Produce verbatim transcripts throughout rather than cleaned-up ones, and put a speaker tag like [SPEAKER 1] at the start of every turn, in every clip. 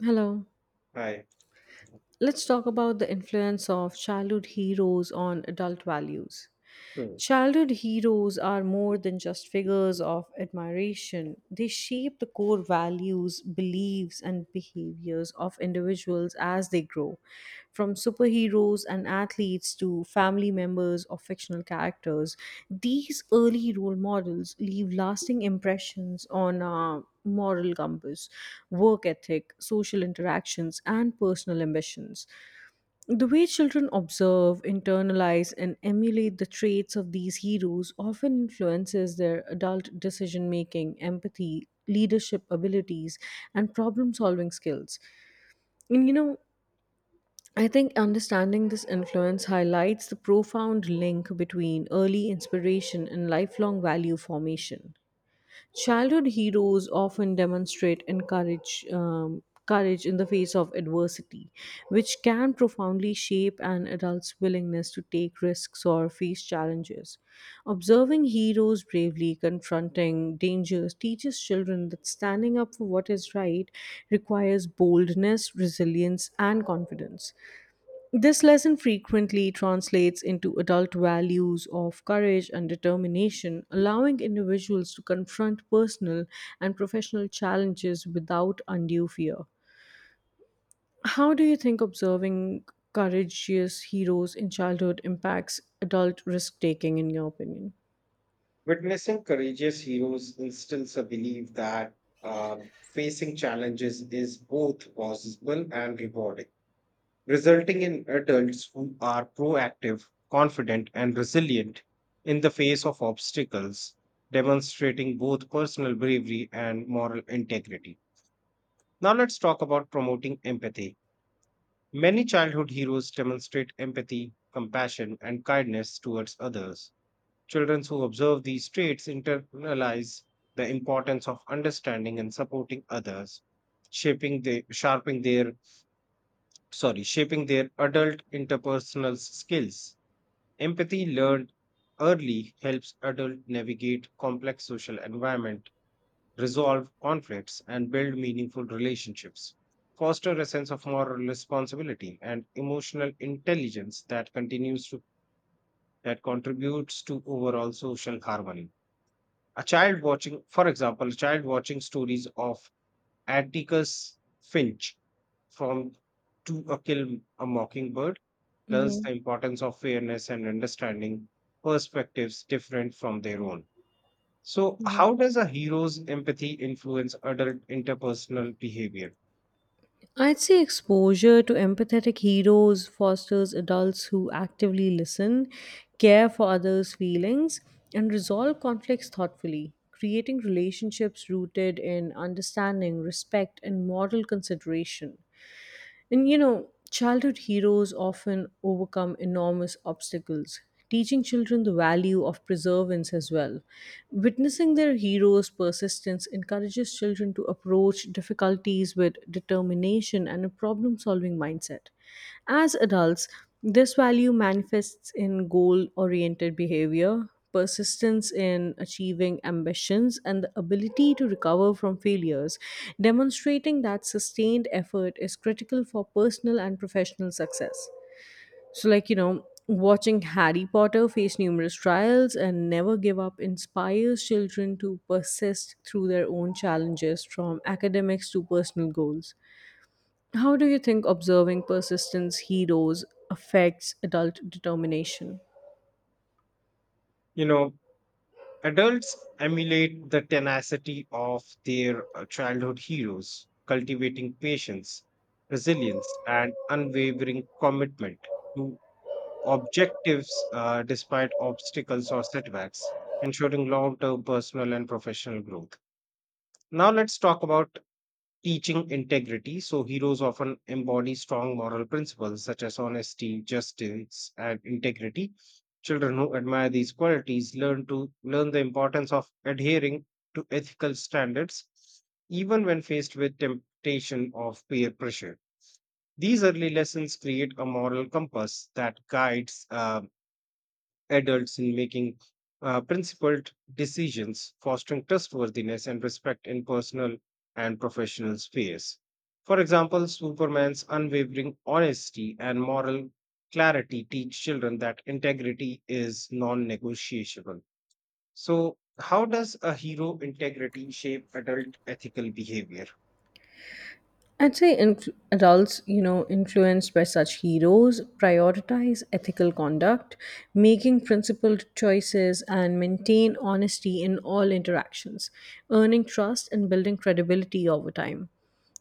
[SPEAKER 1] Hello.
[SPEAKER 2] Hi.
[SPEAKER 1] Let's talk about the influence of childhood heroes on adult values.
[SPEAKER 2] Hmm.
[SPEAKER 1] Childhood heroes are more than just figures of admiration. They shape the core values, beliefs, and behaviors of individuals as they grow, from superheroes and athletes to family members or fictional characters. These early role models leave lasting impressions on our moral compass, work ethic, social interactions, and personal ambitions. The way children observe, internalize, and emulate the traits of these heroes often influences their adult decision making, empathy, leadership abilities, and problem solving skills. And you know, I think understanding this influence highlights the profound link between early inspiration and lifelong value formation. Childhood heroes often demonstrate encourage, um, courage in the face of adversity, which can profoundly shape an adult's willingness to take risks or face challenges. Observing heroes bravely confronting dangers teaches children that standing up for what is right requires boldness, resilience, and confidence. This lesson frequently translates into adult values of courage and determination, allowing individuals to confront personal and professional challenges without undue fear. How do you think observing courageous heroes in childhood impacts adult risk taking, in your opinion?
[SPEAKER 2] Witnessing courageous heroes instills a belief that um, facing challenges is both possible and rewarding, resulting in adults who are proactive, confident, and resilient in the face of obstacles, demonstrating both personal bravery and moral integrity. Now, let's talk about promoting empathy. Many childhood heroes demonstrate empathy, compassion, and kindness towards others. Children who observe these traits internalize the importance of understanding and supporting others, shaping their sharpening their sorry, shaping their adult interpersonal skills. Empathy learned early helps adult navigate complex social environment, resolve conflicts, and build meaningful relationships. Foster a sense of moral responsibility and emotional intelligence that continues to that contributes to overall social harmony. A child watching, for example, a child watching stories of Atticus Finch from To a Kill a Mockingbird learns
[SPEAKER 1] hmm
[SPEAKER 2] the importance of fairness and understanding perspectives different from their own. So,
[SPEAKER 1] hmm
[SPEAKER 2] how does a hero's empathy influence adult interpersonal behavior?
[SPEAKER 1] I'd say exposure to empathetic heroes fosters adults who actively listen, care for others' feelings, and resolve conflicts thoughtfully, creating relationships rooted in understanding, respect, and moral consideration. And you know, childhood heroes often overcome enormous obstacles, teaching children the value of perseverance as well. Witnessing their heroes' persistence encourages children to approach difficulties with determination and a problem solving mindset. As adults, this value manifests in goal oriented behavior, persistence in achieving ambitions, and the ability to recover from failures, demonstrating that sustained effort is critical for personal and professional success. So, like, you know, watching Harry Potter face numerous trials and never give up inspires children to persist through their own challenges from academics to personal goals. How do you think observing persistence heroes affects adult determination?
[SPEAKER 2] You know, adults emulate the tenacity of their uh, childhood heroes, cultivating patience, resilience, and unwavering commitment to objectives uh, despite obstacles or setbacks, ensuring long term personal and professional growth. Now, let's talk about teaching integrity. So, heroes often embody strong moral principles such as honesty, justice, and integrity. Children who admire these qualities learn to learn the importance of adhering to ethical standards, even when faced with temptation of peer pressure. These early lessons create a moral compass that guides uh, adults in making uh, principled decisions, fostering trustworthiness and respect in personal and professional spheres. For example, Superman's unwavering honesty and moral clarity teach children that integrity is non negotiable. So, how does a hero integrity shape adult ethical behavior?
[SPEAKER 1] I'd say inf- adults, you know, influenced by such heroes prioritize ethical conduct, making principled choices, and maintain honesty in all interactions, earning trust and building credibility over time.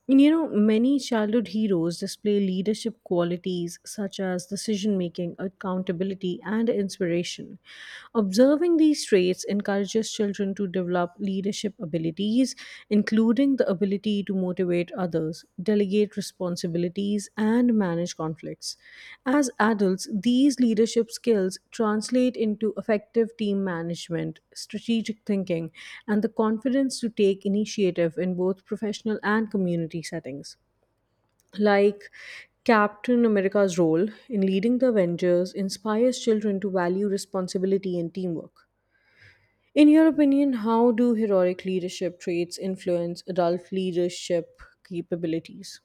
[SPEAKER 1] And you know, many childhood heroes display leadership qualities such as decision making, accountability, and inspiration. Observing these traits encourages children to develop leadership abilities, including the ability to motivate others, delegate responsibilities, and manage conflicts. As adults, these leadership skills translate into effective team management, strategic thinking, and the confidence to take initiative in both professional and community settings like Captain America's role in leading the Avengers inspires children to value responsibility and teamwork. In your opinion, how do heroic leadership traits influence adult leadership capabilities?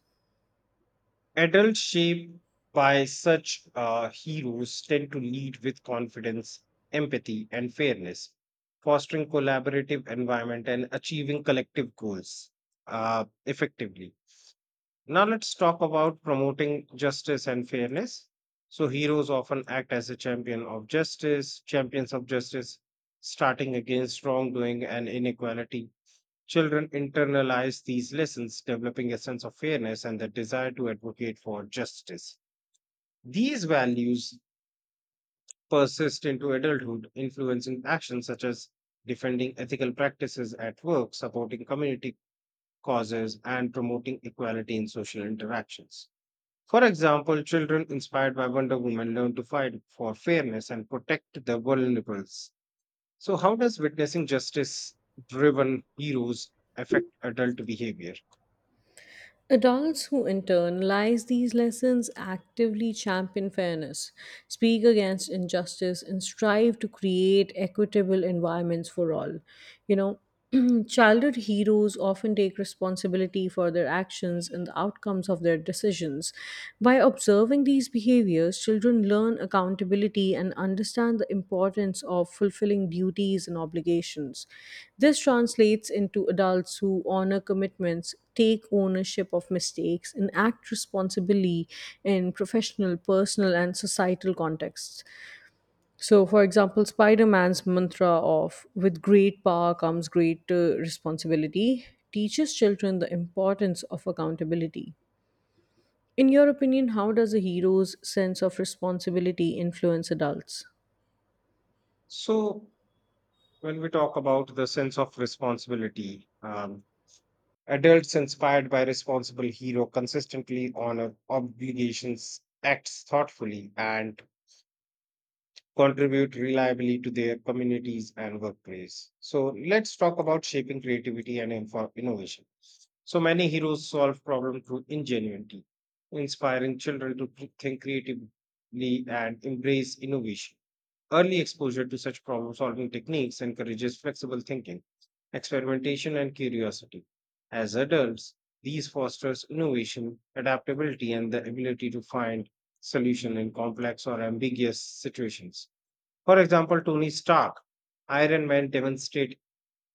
[SPEAKER 2] Adults shaped by such uh, heroes tend to lead with confidence, empathy, and fairness, fostering collaborative environment and achieving collective goals uh, effectively. Now let's talk about promoting justice and fairness. So heroes often act as a champion of justice, champions of justice, starting against wrongdoing and inequality. Children internalize these lessons, developing a sense of fairness and the desire to advocate for justice. These values persist into adulthood, influencing actions such as defending ethical practices at work, supporting community causes, and promoting equality in social interactions. For example, children inspired by Wonder Woman learn to fight for fairness and protect the vulnerables. So, how does witnessing justice driven heroes affect adult behavior?
[SPEAKER 1] Adults who internalize these lessons actively champion fairness, speak against injustice, and strive to create equitable environments for all. You know, childhood heroes often take responsibility for their actions and the outcomes of their decisions. By observing Observing these behaviors, children learn accountability and understand the importance of fulfilling duties and obligations. This translates into adults who honor commitments, take ownership of mistakes, and act responsibly in professional, personal, and societal contexts. So, for example, Spider Man's mantra of with great power comes great uh, responsibility teaches children the importance of accountability. In your opinion, how does a hero's sense of responsibility influence adults?
[SPEAKER 2] So, when we talk about the sense of responsibility, um, adults inspired by responsible hero consistently honor obligations, acts thoughtfully, and contribute reliably to their communities and workplace. So let's talk about shaping creativity and info- innovation. So many heroes solve problems through ingenuity, inspiring children to cre- think creatively and embrace innovation. Early exposure to such problem solving techniques encourages flexible thinking, experimentation, and curiosity. As adults, these fosters innovation, adaptability, and the ability to find solution in complex or ambiguous situations. For example, Tony Stark, Iron Man demonstrate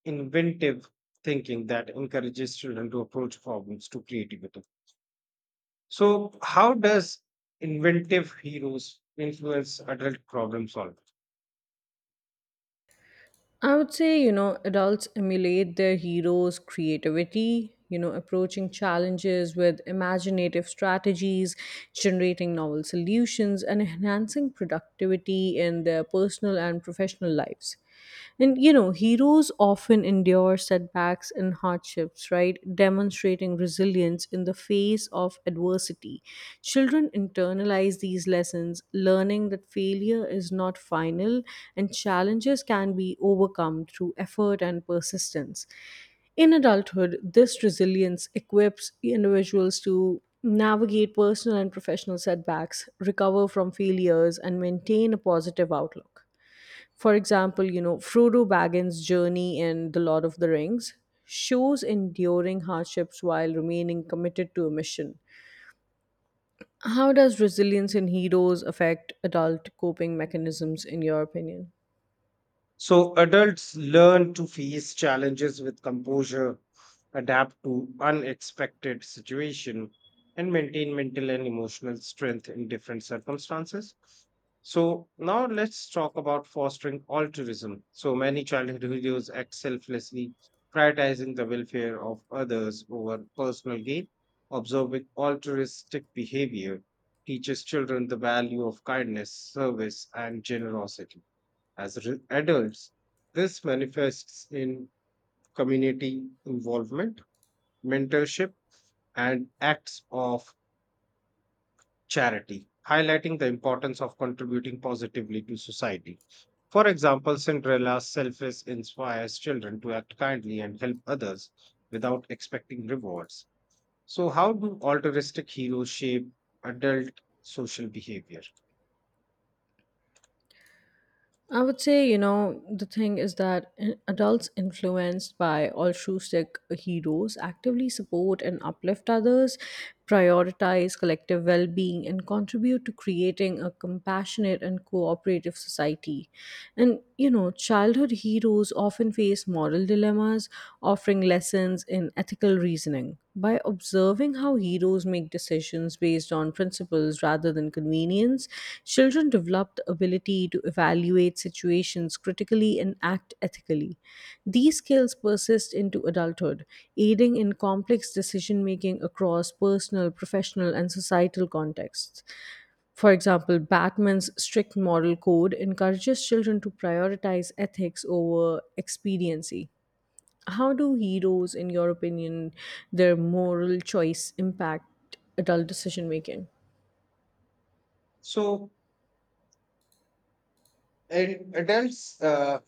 [SPEAKER 2] inventive thinking that encourages children to approach problems to creativity. So, how does inventive heroes influence adult problem solving?
[SPEAKER 1] I would say, you know, adults emulate their heroes' creativity, you know, approaching challenges with imaginative strategies, generating novel solutions, and enhancing productivity in their personal and professional lives. And you know, heroes often endure setbacks and hardships, right? Demonstrating resilience in the face of adversity. Children internalize these lessons, learning that failure is not final and challenges can be overcome through effort and persistence. In adulthood, this resilience equips individuals to navigate personal and professional setbacks, recover from failures, and maintain a positive outlook. For example, you know, Frodo Baggins' journey in The Lord of the Rings shows enduring hardships while remaining committed to a mission. How does resilience in heroes affect adult coping mechanisms, in your opinion?
[SPEAKER 2] So adults learn to face challenges with composure, adapt to unexpected situation, and maintain mental and emotional strength in different circumstances. So now let's talk about fostering altruism. So many childhood heroes act selflessly, prioritizing the welfare of others over personal gain. Observing altruistic behavior teaches children the value of kindness, service, and generosity. As re- adults, this manifests in community involvement, mentorship, and acts of charity, highlighting the importance of contributing positively to society. For example, Cinderella's selfless inspires children to act kindly and help others without expecting rewards. So, how do altruistic heroes shape adult social behavior?
[SPEAKER 1] I would say, you know, the thing is that in- adults influenced by altruistic heroes actively support and uplift others, prioritize collective well being, and contribute to creating a compassionate and cooperative society. And you know, childhood heroes often face moral dilemmas, offering lessons in ethical reasoning. By observing how heroes make decisions based on principles rather than convenience, children develop the ability to evaluate situations critically and act ethically. These skills persist into adulthood, aiding in complex decision making across personal, professional, and societal contexts. For example, Batman's strict moral code encourages children to prioritize ethics over expediency. How do heroes, in your opinion, their moral choice impact adult decision making?
[SPEAKER 2] So, in adults, uh,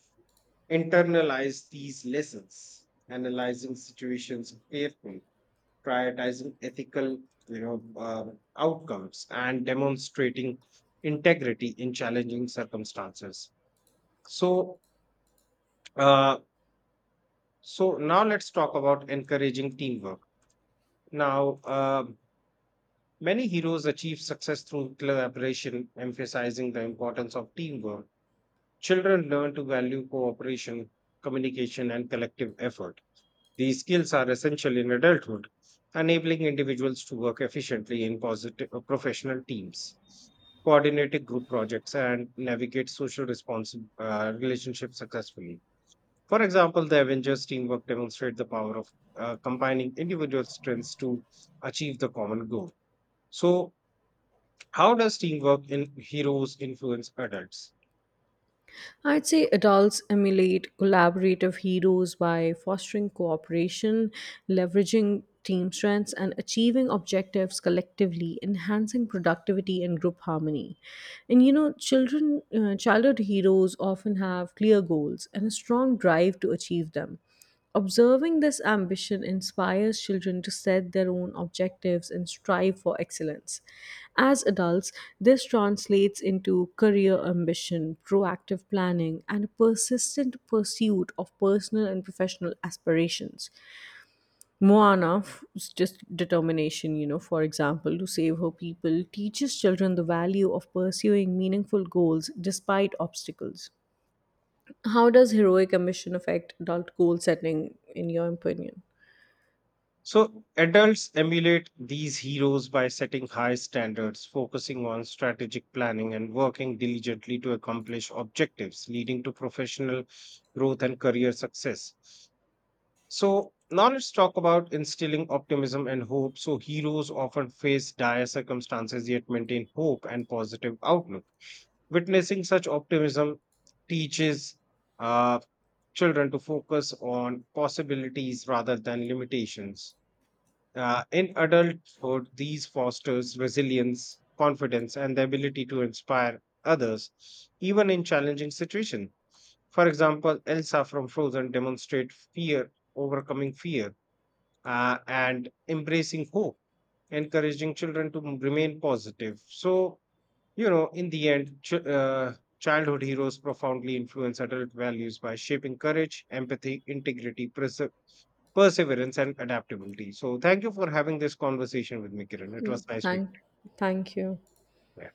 [SPEAKER 2] internalize these lessons, analyzing situations carefully, prioritizing ethical you know, uh, outcomes, and demonstrating integrity in challenging circumstances. So, uh, so now let's talk about encouraging teamwork. Now, um many heroes achieve success through collaboration, emphasizing the importance of teamwork. Children learn to value cooperation, communication, and collective effort. These skills are essential in adulthood, enabling individuals to work efficiently in positive uh, professional teams, coordinate group projects, and navigate social responsi- uh, relationships successfully. For example, the Avengers teamwork demonstrates the power of uh, combining individual strengths to achieve the common goal. So, how does teamwork in heroes influence adults?
[SPEAKER 1] I'd say adults emulate collaborative heroes by fostering cooperation, leveraging team strengths, and achieving objectives collectively, enhancing productivity and group harmony. And you know, children, uh, childhood heroes often have clear goals and a strong drive to achieve them. Observing this ambition inspires children to set their own objectives and strive for excellence. As adults, this translates into career ambition, proactive planning, and a persistent pursuit of personal and professional aspirations. Moana's just determination, you know, for example, to save her people, teaches children the value of pursuing meaningful goals despite obstacles. How does heroic ambition affect adult goal setting, in your opinion?
[SPEAKER 2] So, adults emulate these heroes by setting high standards, focusing on strategic planning, and working diligently to accomplish objectives, leading to professional growth and career success. So, now let's talk about instilling optimism and hope. So, heroes often face dire circumstances yet maintain hope and positive outlook. Witnessing such optimism teaches uh, children to focus on possibilities rather than limitations. Uh, in adulthood, these fosters resilience, confidence, and the ability to inspire others, even in challenging situations. For example, Elsa from Frozen demonstrates fear, overcoming fear, uh, and embracing hope, encouraging children to m- remain positive. So, you know, in the end, ch- uh, childhood heroes profoundly influence adult values by shaping courage, empathy, integrity, perse- perseverance, and adaptability. So, thank you for having this conversation with me, Kiran. It was nice
[SPEAKER 1] Thank,
[SPEAKER 2] speaking.
[SPEAKER 1] thank you.
[SPEAKER 2] Yeah.